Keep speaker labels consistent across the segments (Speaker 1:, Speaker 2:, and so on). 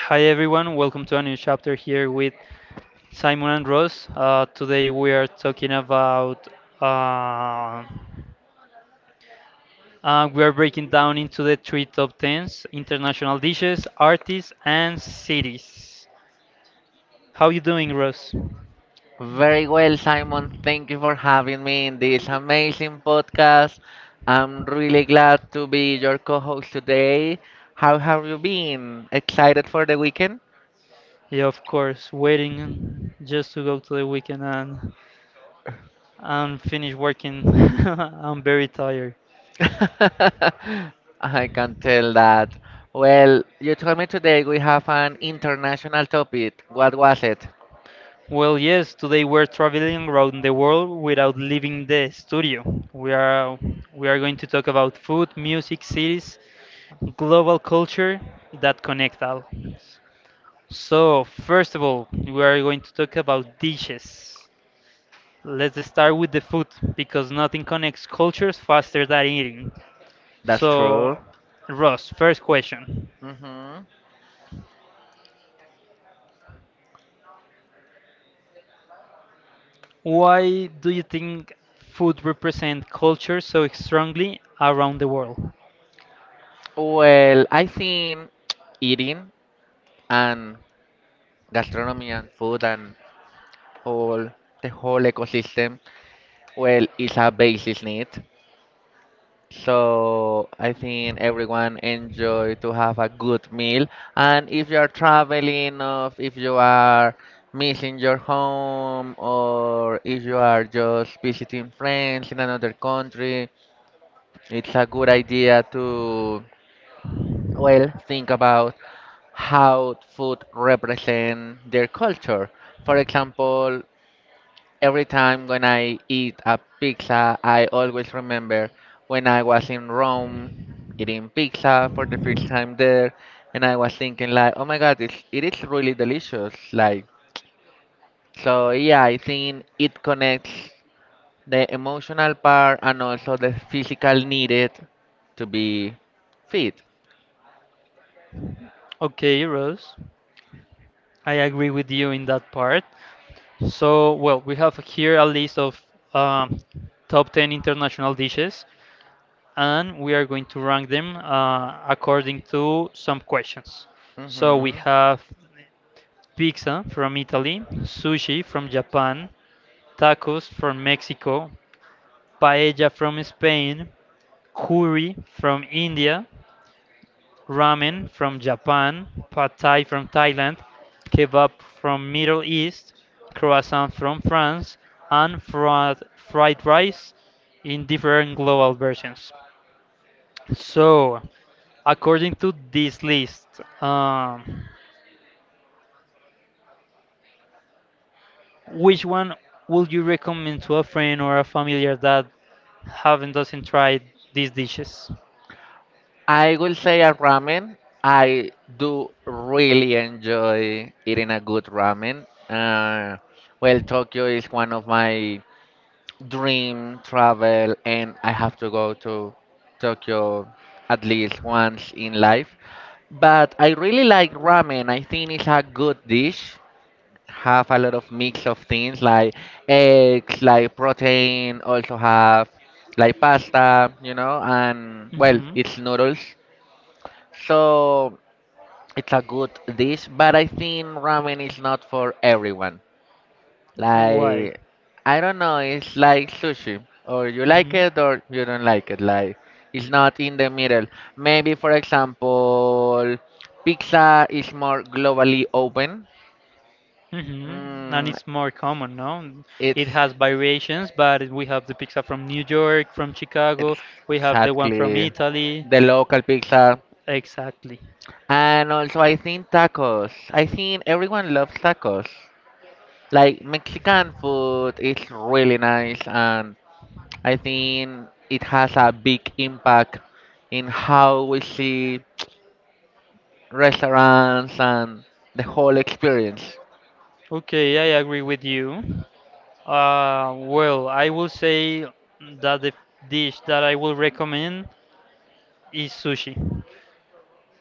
Speaker 1: Hi everyone, welcome to a new chapter here with Simon and Ross. Today we are talking about uh, we are breaking down into the three top tens: international dishes, artists, and cities. How you doing, Ross?
Speaker 2: Very well, Simon. Thank you for having me in this amazing podcast. I'm really glad to be your co host today. How have you been? Excited for the weekend?
Speaker 1: Yeah, of course, waiting just to go to the weekend and finish working. I'm very tired.
Speaker 2: I can tell that. Well, you told me today we have an international topic. What was it?
Speaker 1: Well, yes, today we're traveling around the world without leaving the studio. We are we are going to talk about food, music, cities, global culture that connect all. So, first of all, we are going to talk about dishes. Let's start with the food because nothing connects cultures faster than eating.
Speaker 2: That's
Speaker 1: So,
Speaker 2: true.
Speaker 1: Ross, first question.
Speaker 2: Hmm.
Speaker 1: Why do you think food represents culture so strongly around the world?
Speaker 2: Well, I think eating and gastronomy and food and all the whole ecosystem. Well, it's a basic need. So I think everyone enjoy to have a good meal. And if you are traveling, or if you are missing your home, or if you are just visiting friends in another country, it's a good idea to, well, think about how food represent their culture. For example, every time when I eat a pizza, I always remember when I was in Rome eating pizza for the first time there, and I was thinking like, oh my God, it is really delicious. Like, so yeah, I think it connects the emotional part and also the physical needed to be fit.
Speaker 1: Okay, Ross. I agree with you in that part. So, well, we have here a list of um, top 10 international dishes, and we are going to rank them according to some questions. So, we
Speaker 2: Hmm.
Speaker 1: have pizza from Italy, sushi from Japan, tacos from Mexico, paella from Spain, curry from India, ramen from Japan, pad thai from Thailand, kebab from Middle East, croissant from France, and fried rice in different global versions. So, according to this list, which one would you recommend to a friend or a familiar that haven't doesn't tried these dishes?
Speaker 2: I will say a ramen. I do really enjoy eating a good ramen. Well, Tokyo is one of my dream travel, and I have to go to Tokyo at least once in life. But I really like ramen. I think it's a good dish. Have a lot of mix of things like eggs, like protein. Also have like pasta, and well, it's noodles. So it's a good dish, but I think ramen is not for everyone.
Speaker 1: Why?
Speaker 2: Like, I don't know, it's like sushi. Or you like it or you don't like it. Like, it's not in the middle. Maybe, for example, pizza is more globally open.
Speaker 1: Mm-hmm. And
Speaker 2: Mm,
Speaker 1: it's more common, no? It
Speaker 2: it's,
Speaker 1: has variations, but we have the pizza from New York, from Chicago,
Speaker 2: it's
Speaker 1: we have the one from
Speaker 2: exactly
Speaker 1: Italy.
Speaker 2: the local pizza.
Speaker 1: Exactly.
Speaker 2: And also, I think tacos. I think everyone loves tacos. Like Mexican food is really nice, and I think it has a big impact in how we see restaurants and the whole experience.
Speaker 1: Okay, I agree with you. Well, I will say that the dish that I will recommend is sushi.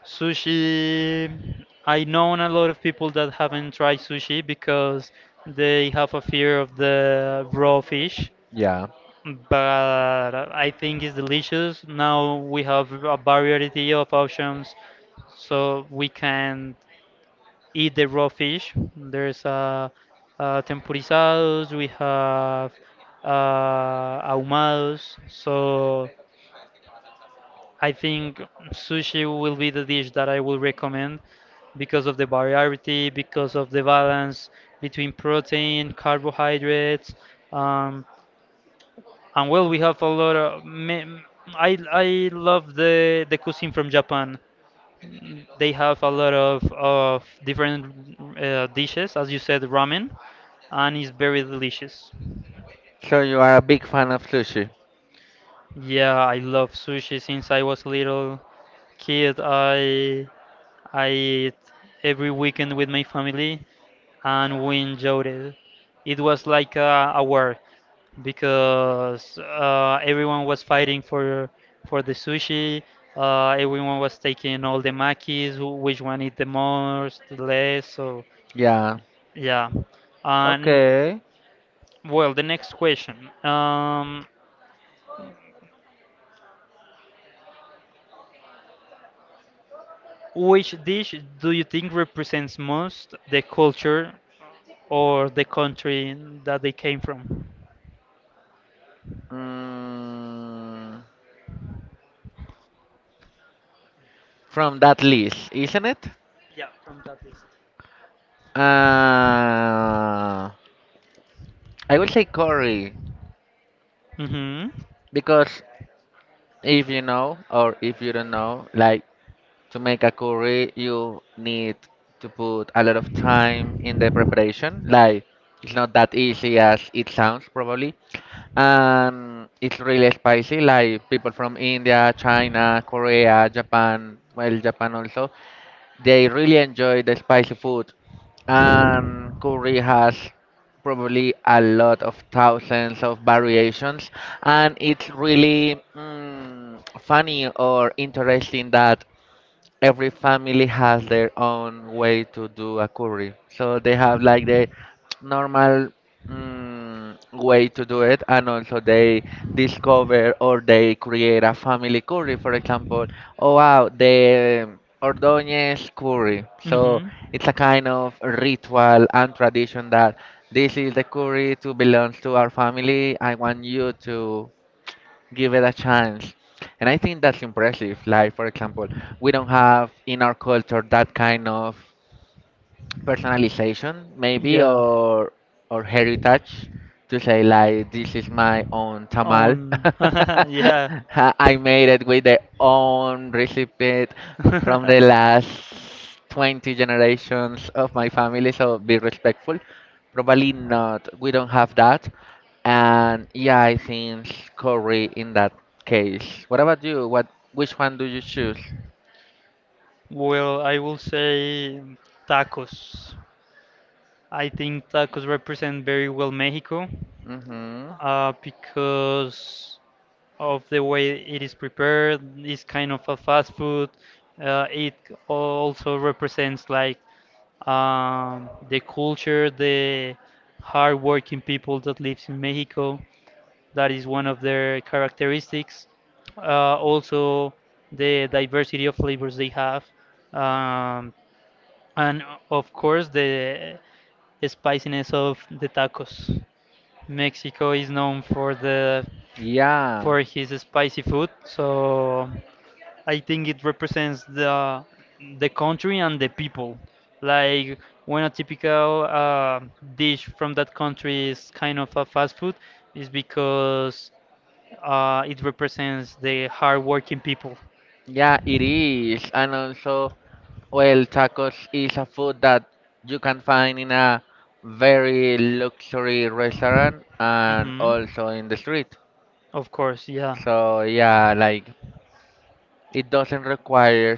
Speaker 1: Sushi, I know a lot of people that haven't tried sushi because they have a fear of the raw fish,
Speaker 2: Yeah.
Speaker 1: but I think it's delicious. Now we have a variety of options, so we can eat the raw fish. There's tempurizados, we have ahumados. So I think sushi will be the dish that I will recommend because of the variety, because of the balance between protein, carbohydrates, um, and well, we have a lot of. I love the cuisine from Japan. They have a lot of different dishes, as you said, ramen. And it's very delicious.
Speaker 2: So you are a big fan of sushi.
Speaker 1: Yeah, I love sushi since I was little kid. I ate every weekend with my family, and we enjoyed it. It was like a war because everyone was fighting for the sushi. Everyone was taking all the makis, which one eat the most, the less. So
Speaker 2: Yeah.
Speaker 1: yeah, and
Speaker 2: Okay.
Speaker 1: well, the next question. Which dish do you think represents most the culture or the country that they came from?
Speaker 2: Mm, from that list, isn't it?
Speaker 1: Yeah, from that list.
Speaker 2: I would say curry
Speaker 1: Mm-hmm.
Speaker 2: because if you know or if you don't know, like to make a curry, you need to put a lot of time in the preparation. Like, it's not that easy as it sounds, probably. And it's really spicy. Like, people from India, China, Korea, Japan, well, Japan also, they really enjoy the spicy food. And curry has probably a lot of thousands of variations, and it's really funny or interesting that every family has their own way to do a curry. So they have like the normal way to do it, and also they discover or they create a family curry. For example, oh wow, the Ordóñez curry. So
Speaker 1: Mm-hmm.
Speaker 2: it's a kind of ritual and tradition that this is the curry to belongs to our family. I want you to give it a chance. And I think that's impressive. Like, for example, we don't have in our culture that kind of personalization maybe
Speaker 1: Yeah.
Speaker 2: or heritage to say like this is my own tamal.
Speaker 1: On. yeah.
Speaker 2: I made it with the own recipe from the last 20 generations of my family, so be respectful. Probably not, we don't have that. And yeah, I think curry in that case. What about you? What which one do you choose?
Speaker 1: Well, I will say tacos. I think tacos represent very well Mexico.
Speaker 2: Mm-hmm.
Speaker 1: Because of the way it is prepared. It's kind of a fast food. It also represents like the culture, the hardworking people that lives in Mexico. That is one of their characteristics. Also, the diversity of flavors they have, um, and of course the spiciness of the tacos. Mexico is known
Speaker 2: Yeah.
Speaker 1: for his spicy food, so I think it represents the country and the people. Like when a typical dish from that country is kind of a fast food, is because it represents the hardworking people.
Speaker 2: Yeah, it is. And also, well, tacos is a food that you can find in a very luxury restaurant and
Speaker 1: Hmm.
Speaker 2: also in the street.
Speaker 1: Of course, yeah.
Speaker 2: So yeah, like it doesn't require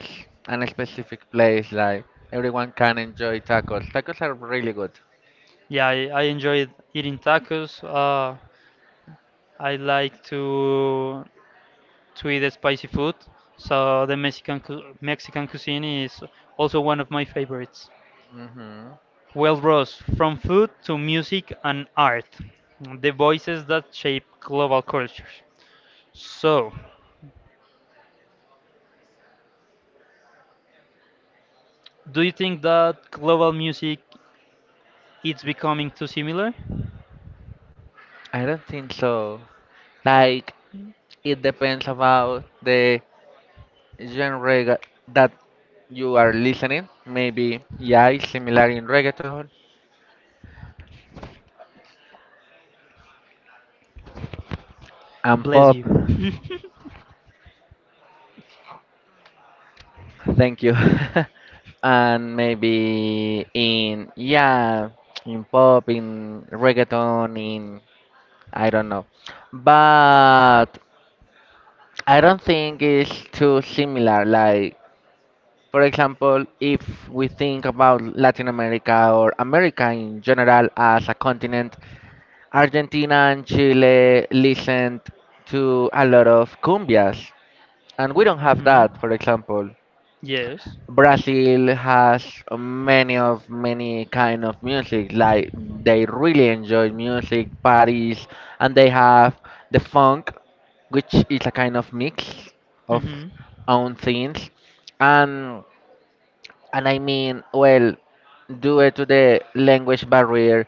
Speaker 2: an specific place. Like everyone can enjoy tacos. Tacos are really good.
Speaker 1: Yeah, I enjoyed eating tacos. I like to eat spicy food, so the Mexican cuisine is also one of my favorites.
Speaker 2: Hmm.
Speaker 1: Well, Ross, from food to music and art, the voices that shape global cultures. So, do you think that global music is becoming too similar?
Speaker 2: I don't think so. Like it depends about the genre that you are listening. Maybe yeah, it's similar in reggaeton and
Speaker 1: Bless
Speaker 2: pop.
Speaker 1: you.
Speaker 2: Thank you. And maybe in yeah, in pop, in reggaeton, in, I don't know. But I don't think it's too similar. Like, for example, if we think about Latin America or America in general as a continent, Argentina and Chile listened to a lot of cumbias, and we don't have
Speaker 1: Hmm.
Speaker 2: that, for example.
Speaker 1: Yes.
Speaker 2: Brazil has many kind of music. Like they really enjoy music parties, and they have the funk, which is a kind of mix of
Speaker 1: Hmm.
Speaker 2: own things. And and I mean, well, due to the language barrier,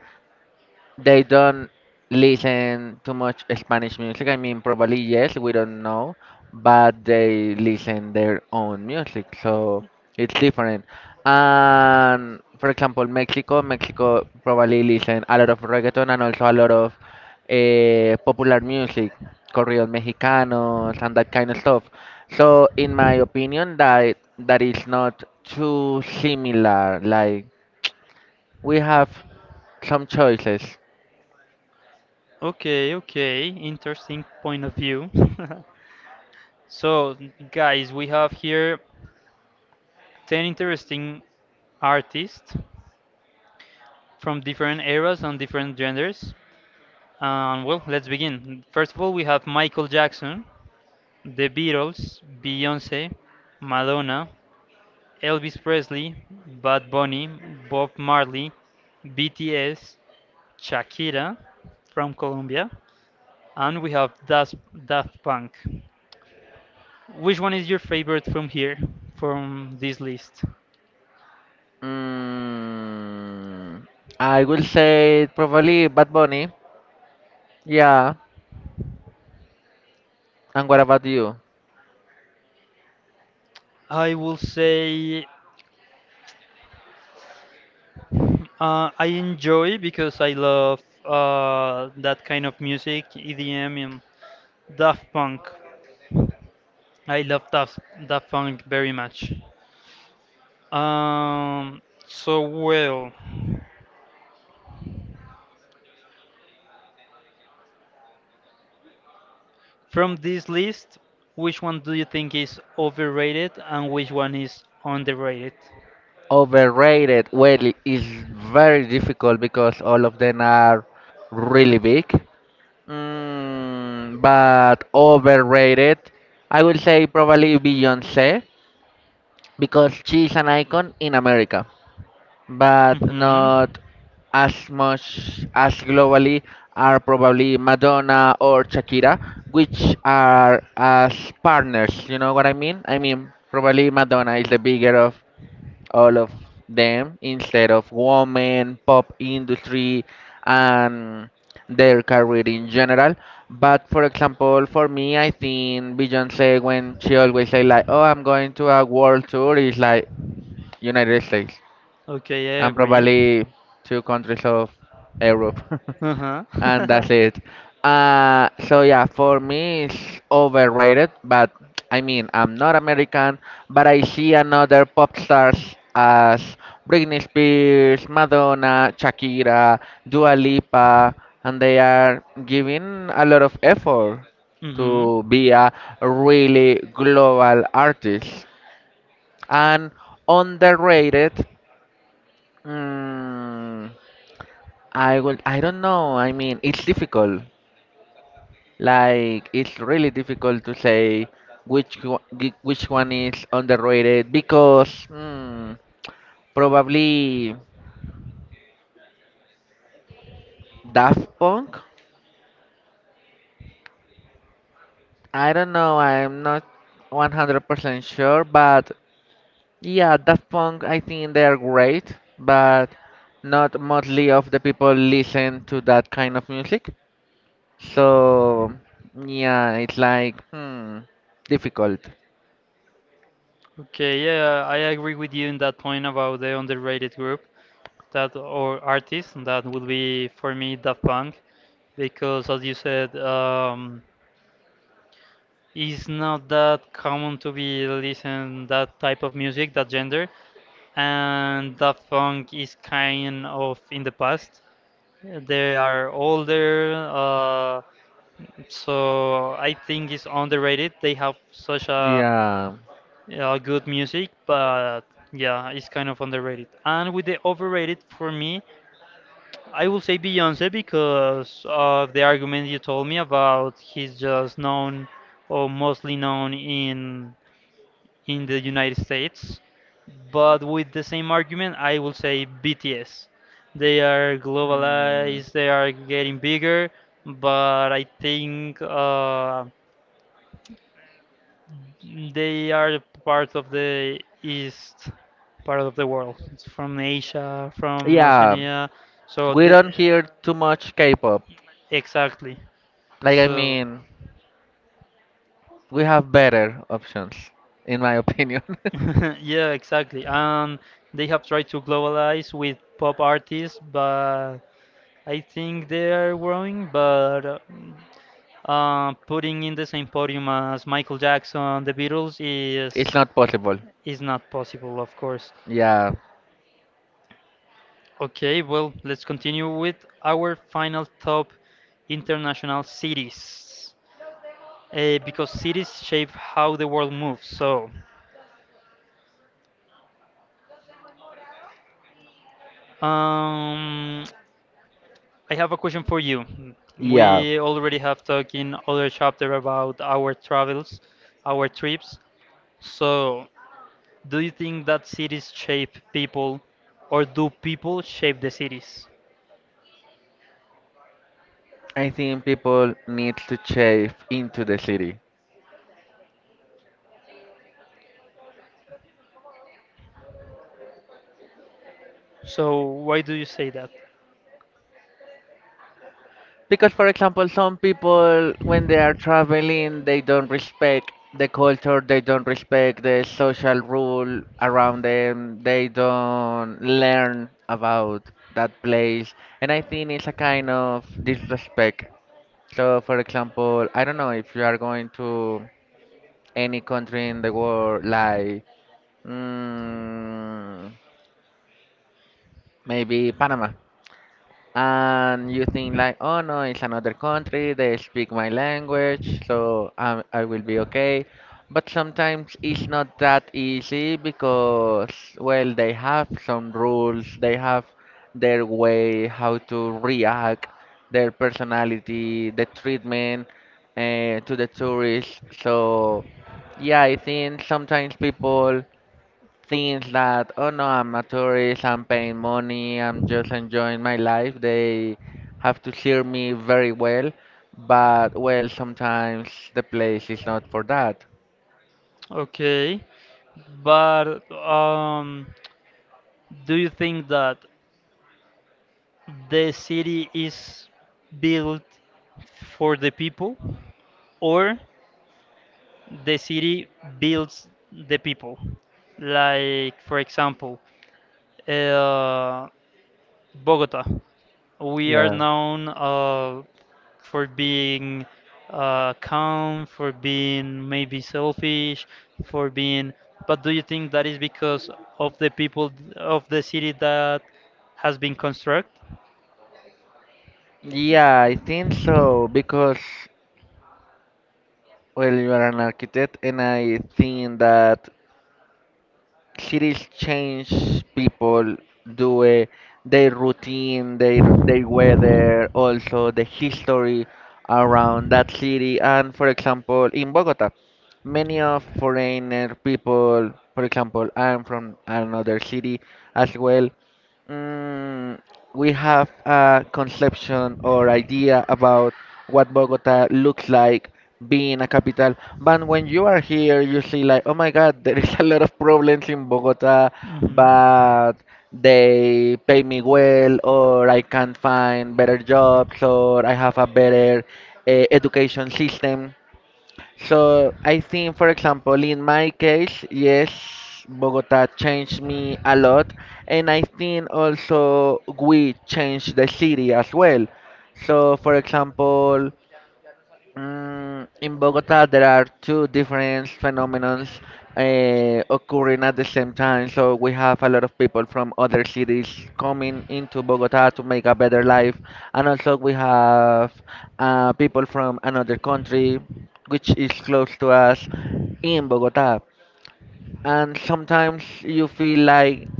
Speaker 2: they don't listen too much Spanish music. I mean, probably yes, we don't know, but they listen their own music, so it's different. And for example, Mexico probably listen a lot of reggaeton and also a lot of popular music, corridos mexicanos and that kind of stuff. So in my opinion, that is not too similar. Like we have some choices.
Speaker 1: Okay, okay. Interesting point of view. So, guys, we have here 10 interesting artists from different eras and different genders. And well, let's begin. First of all, we have Michael Jackson, The Beatles, Beyonce, Madonna, Elvis Presley, Bad Bunny, Bob Marley, BTS, Shakira from Colombia, and we have Das Daft Punk. Which one is your favorite from here, from this list?
Speaker 2: Mm, I will say probably Bad Bunny. Yeah. And what about you?
Speaker 1: I will say I enjoy because I love that kind of music, EDM and Daft Punk. I love Daft Punk very much. Um, so well, from this list, which one do you think is overrated and which one is underrated?
Speaker 2: Overrated. Well, it is very difficult because all of them are really big. Mm, but overrated, I will say probably Beyonce because she's an icon in America. But
Speaker 1: Hmm.
Speaker 2: not as much as globally are probably Madonna or Shakira, which are as partners. You know what I mean? I mean, probably Madonna is the bigger of all of them instead of woman, pop industry, and their career in general. But for example, for me, I think Beyonce, when she always say like, "Oh, I'm going to a world tour," is like
Speaker 1: States,"
Speaker 2: United States
Speaker 1: okay, I
Speaker 2: and
Speaker 1: but.
Speaker 2: probably two countries of Europe,
Speaker 1: Uh-huh.
Speaker 2: and that's
Speaker 1: this.
Speaker 2: it. So yeah, for me it's overrated, but I mean I'm not American, but I see another pop stars as Britney Spears, Madonna, Shakira, Dua Lipa, and they are giving a lot of effort to be a really global artist. And underrated, mm, I don't know. I mean, it's difficult. Like, it's really difficult to say which one, which one is underrated because probably Daft Punk. I don't know. I'm not 100% sure, but yeah, Daft Punk, I think they are great, but not mostly of the people listen to that kind of music. So, yeah, it's like, difficult.
Speaker 1: Okay, yeah, I agree with you in that point about the underrated group that or artist that would be for me Daft Punk because as you said, it's not that common to be listening that type of music, that gender, and Daft Punk is kind of in the past. They are older, so I think it's underrated. They have such a
Speaker 2: Yeah.
Speaker 1: Yeah, good music, but yeah, it's kind of underrated. And with the overrated, for me, I will say Beyonce because of the argument you told me about he's just known or mostly known in the United States. But with the same argument, I will say BTS. They are
Speaker 2: Mm.
Speaker 1: globalized, they are getting bigger, but I think they are part of the east part of the world. It's from Asia, from
Speaker 2: Yeah.
Speaker 1: Oceania. So
Speaker 2: We
Speaker 1: they
Speaker 2: don't hear too much K-pop.
Speaker 1: exactly.
Speaker 2: Like I
Speaker 1: So
Speaker 2: mean, we have better options, in my opinion.
Speaker 1: yeah, exactly. And they have tried to globalize with pop artists, but I think they are growing, but putting in the same podium as Michael Jackson, the Beatles
Speaker 2: It's not possible.
Speaker 1: is not possible, of course.
Speaker 2: Yeah,
Speaker 1: Okay, well, let's continue with our final top international cities. Because cities shape how the world moves. So, um, I have a question for you.
Speaker 2: yeah,
Speaker 1: We already have talked in other chapter about our travels, our trips. So, do you think that cities shape people, or do people shape the cities?
Speaker 2: I think people need to chase into the city.
Speaker 1: So, why do you say that?
Speaker 2: Because, for example, some people, when they are traveling, they don't respect the culture, they don't respect the social rule around them, they don't learn about that place. And I think it's a kind of disrespect. So, for example, I don't know if you are going to any country in the world, like mm, maybe Panama, and you think like, oh no, it's another country, they speak my language, so I will be okay. But sometimes it's not that easy because, well, they have some rules, they have their way, how to react, their personality, the treatment to the tourists. So, yeah, I think sometimes people things that, oh no, I'm a tourist, I'm paying money, I'm just enjoying my life, they have to hear me very well. But, well, sometimes the place is not for that.
Speaker 1: Okay, but do you think that the city is built for the people or the city builds the people? Like, for example, uh, Bogota. We are
Speaker 2: Yeah.
Speaker 1: known for being calm, for being maybe selfish, for being. But do you think that is because of the people of the city that has been construct,
Speaker 2: Yeah, I think so because, well, you are an architect, and I think that cities change people do a, their routine, their weather, also the history around that city. And for example, in Bogota, many of foreigner people, for example, I'm from another city as well. Mm, we have a conception or idea about what Bogota looks like being a capital. But when you are here, you see like, oh my God, there is a lot of problems in Bogota,
Speaker 1: hmm,
Speaker 2: but they pay me well, or I can find better jobs, or I have a better education system. So I think, for example, in my case, yes, Bogota changed me a lot, and I think also we changed the city as well. So, for example, in Bogota, there are two different phenomena occurring at the same time. So we have a lot of people from other cities coming into Bogota to make a better life, and also we have people from another country, which is close to us, in Bogota. And sometimes you feel like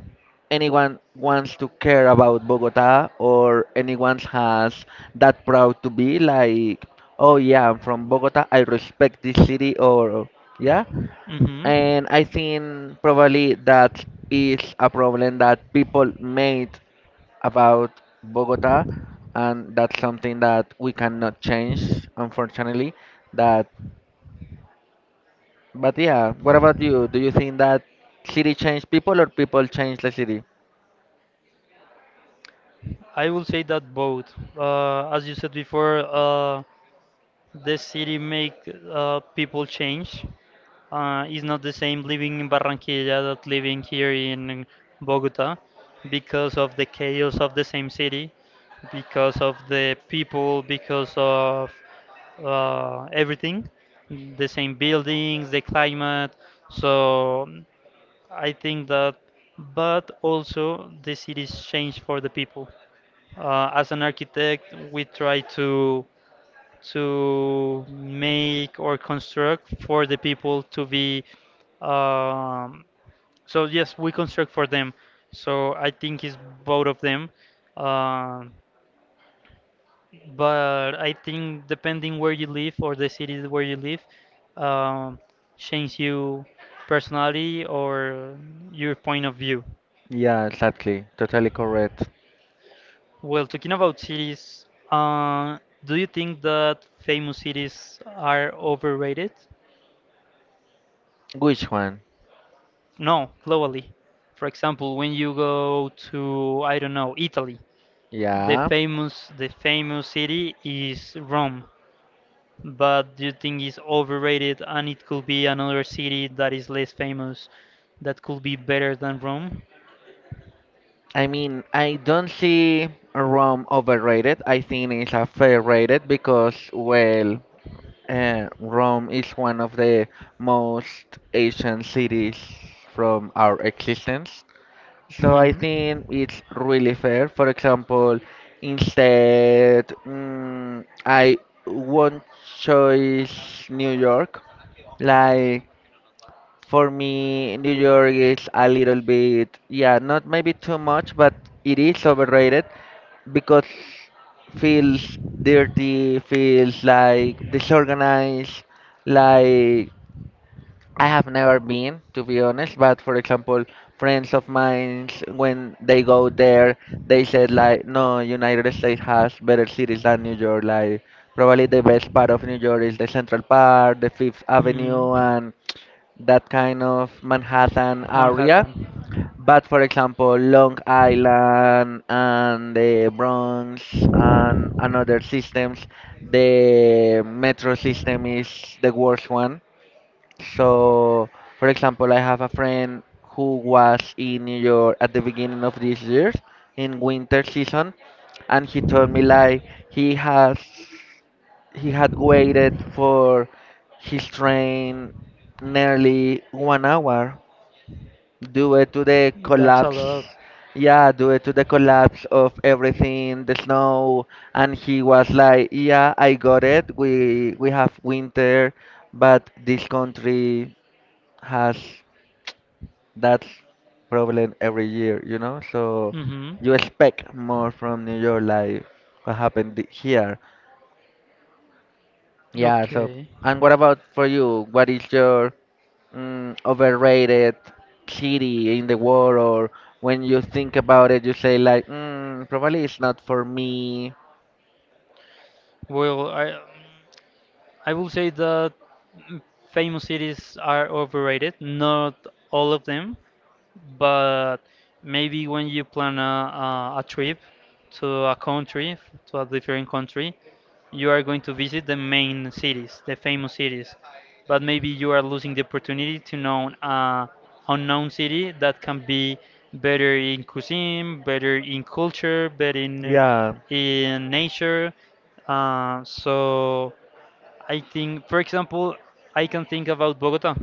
Speaker 2: anyone wants to care about Bogota or anyone has that proud to be like, oh yeah, I'm from Bogota, I respect this city or yeah.
Speaker 1: hmm,
Speaker 2: And I think probably that is a problem that people made about Bogota, and that's something that we cannot change, unfortunately. That But yeah, what about you? Do you think that city change people or people change the city?
Speaker 1: I will say that both. As you said before, the city make people change. It's not the same living in Barranquilla that living here in Bogota because of the chaos of the same city, because of the people, because of everything, the same buildings, the climate. So mm, I think that, but also the cities change for the people. As an architect, we try to make or construct for the people to be um, so yes we construct for them so I think it's both of them um, but I think depending where you live or the city where you live um, change you personality or your point of view
Speaker 2: Yeah, exactly. Totally correct.
Speaker 1: well talking about cities uh, do you think that famous cities are overrated.
Speaker 2: Which one?
Speaker 1: No, globally. For example, when you go to, I don't know, Italy,
Speaker 2: Yeah.
Speaker 1: the famous city is Rome. But do you think it's overrated and it could be another city that is less famous that could be better than Rome?
Speaker 2: I mean, I don't see Rome overrated. I think it's a fair rated because, well, Rome is one of the most ancient cities from our existence. So I think it's really fair. For example, instead, I won't choose New York. Like, for me, New York is a little bit, yeah, not maybe too much, but it is overrated because feels dirty, feels like disorganized, like I have never been, to be honest, but for example, friends of mine, when they go there, they said like, no, United States has better cities than New York. Like, probably the best part of New York is the Central Park, the Fifth Avenue, and that kind of Manhattan area.
Speaker 1: Manhattan.
Speaker 2: But for example, Long Island and the Bronx and other systems, the metro system is the worst one. So, for example, I have a friend who was in New York at the beginning of this year in winter season, and he told me like he has he had waited for his train nearly 1 hour due to the collapse.
Speaker 1: Collide.
Speaker 2: Yeah, due to the collapse of everything, the snow, and he was like, "Yeah, I got it. We have winter, but this country has that problem every year, you know. So
Speaker 1: Mm-hmm.
Speaker 2: you expect more from New York, like what happened here." Yeah, so
Speaker 1: Okay.
Speaker 2: and what about for you? What is your overrated city in the world, or when you think about it, you say like, probably it's not for me.
Speaker 1: Well, I will say that mm, famous cities are overrated. Not all of them, but maybe when you plan a trip to a country, to a different country, you are going to visit the main cities, the famous cities, but maybe you are losing the opportunity to know a unknown city that can be better in cuisine, better in culture, better in
Speaker 2: Yeah.
Speaker 1: nature. So I think, for example, I can think about Bogota.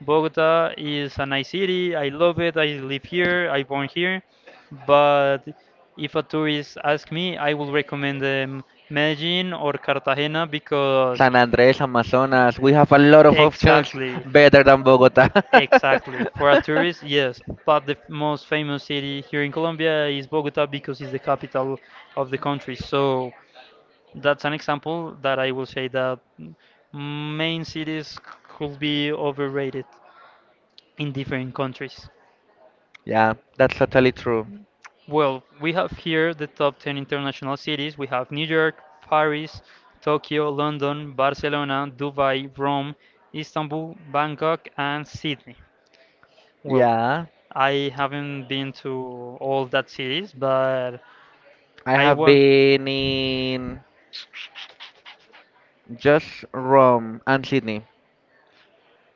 Speaker 1: Bogota is a nice city. I love it. I live here. I born here. But if a tourist ask me, I will recommend them Medellin or Cartagena because
Speaker 2: San Andrés, Amazonas. We have a lot of options
Speaker 1: exactly,
Speaker 2: better than Bogota.
Speaker 1: exactly. For a tourist, yes. But the most famous city here in Colombia is Bogota because it's the capital of the country. So that's an example that I will say that main cities could be overrated in different countries.
Speaker 2: Yeah, that's totally true.
Speaker 1: Well, we have here the top 10 international cities. We have New York, Paris, Tokyo, London, Barcelona, Dubai, Rome, Istanbul, Bangkok, and Sydney. Well,
Speaker 2: Yeah,
Speaker 1: I haven't been to all that cities, but
Speaker 2: I
Speaker 1: I
Speaker 2: have
Speaker 1: want.
Speaker 2: been in just Rome and Sydney.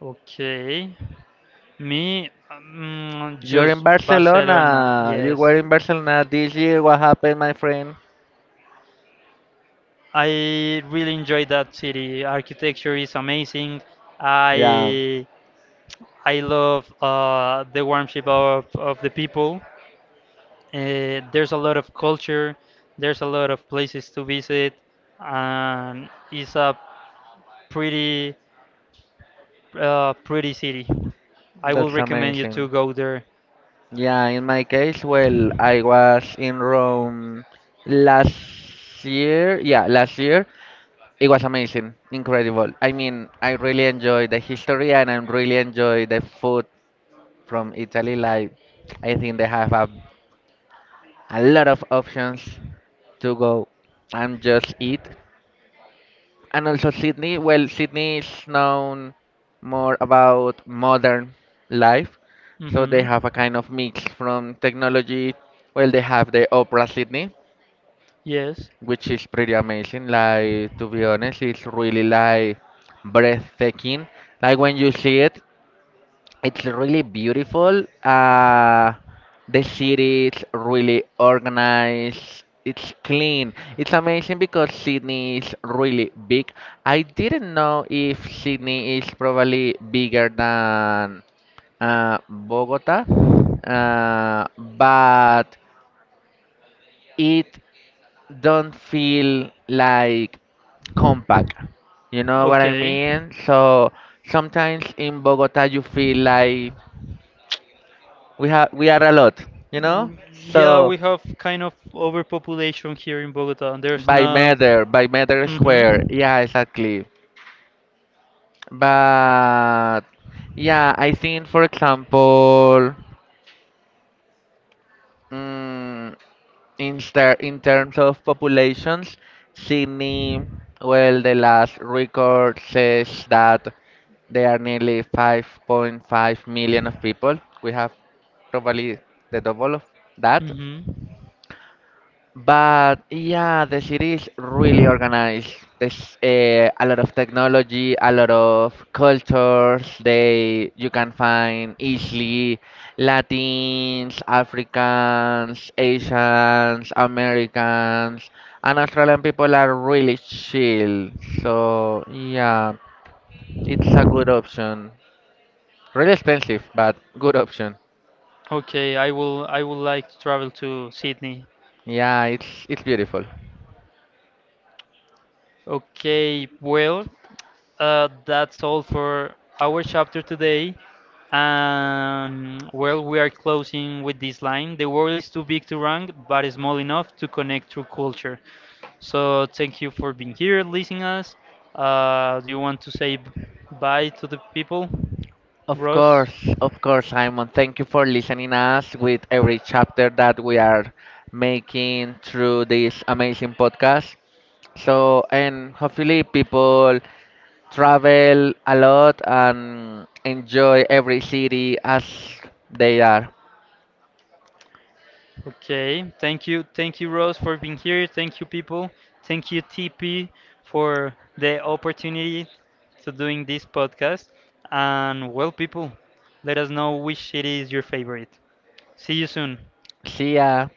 Speaker 1: Okay. Me,
Speaker 2: You're in
Speaker 1: just Barcelona.
Speaker 2: Barcelona. You
Speaker 1: Yes,
Speaker 2: were in Barcelona this year. What happened, my friend?
Speaker 1: I really enjoy that city. Architecture is amazing.
Speaker 2: Yeah,
Speaker 1: I I love the warmth of the people. There's a lot of culture. There's a lot of places to visit, and it's a pretty pretty city. I will
Speaker 2: that's
Speaker 1: recommend you to
Speaker 2: amazing.
Speaker 1: go there.
Speaker 2: Yeah, in my case, well, I was in Rome last year. Yeah, last year. It was amazing, incredible. I mean, I really enjoy the history and I really enjoy the food from Italy. Like, I think they have a lot of options to go and just eat. And also Sydney. Well, Sydney is known more about modern life, so they
Speaker 1: Hmm.
Speaker 2: have a kind of mix from technology. Well, they have the Opera Sydney,
Speaker 1: Yes.
Speaker 2: which is pretty amazing. Like to be honest, it's really like breathtaking. Like when you see it, it's really beautiful. The city is really organized. It's clean. It's amazing because Sydney is really big. I didn't know if Sydney is probably bigger than Bogota, but it don't feel like compact. You know what I
Speaker 1: Okay.
Speaker 2: mean? So sometimes in Bogota you feel like we are a lot, you know?
Speaker 1: W- Yeah,
Speaker 2: So
Speaker 1: we have kind of overpopulation here in Bogota. There's not.
Speaker 2: by meter square.
Speaker 1: Hmm.
Speaker 2: Yeah, exactly. But yeah, I think for example, mm, in terms of populations, Sydney, well, the last record says that there are nearly 5.5 million of people. We have probably the double of that.
Speaker 1: Hmm.
Speaker 2: But yeah, the city is really organized. There's a lot of technology, a lot of cultures. They you can find easily Latins, Africans, Asians, Americans, and Australian people are really chill. So yeah, it's a good option. Really expensive, but good option.
Speaker 1: Okay, I will I would like to travel to Sydney.
Speaker 2: Yeah, it's beautiful.
Speaker 1: Okay, well, that's all for our chapter today. Well, we are closing with this line. The world is too big to rank, but is small enough to connect through culture. So thank you for being here, listening us. Do you want to say bye to the people, Ross?
Speaker 2: Of course, Simon. Thank you for listening us with every chapter that we are making through this amazing podcast. So, and hopefully people travel a lot and enjoy every city as they are.
Speaker 1: Okay, thank you, Rose, for being here. Thank you, people. Thank you, TP, for the opportunity to doing this podcast. And well, people, let us know which city is your favorite. See you soon.
Speaker 2: See ya.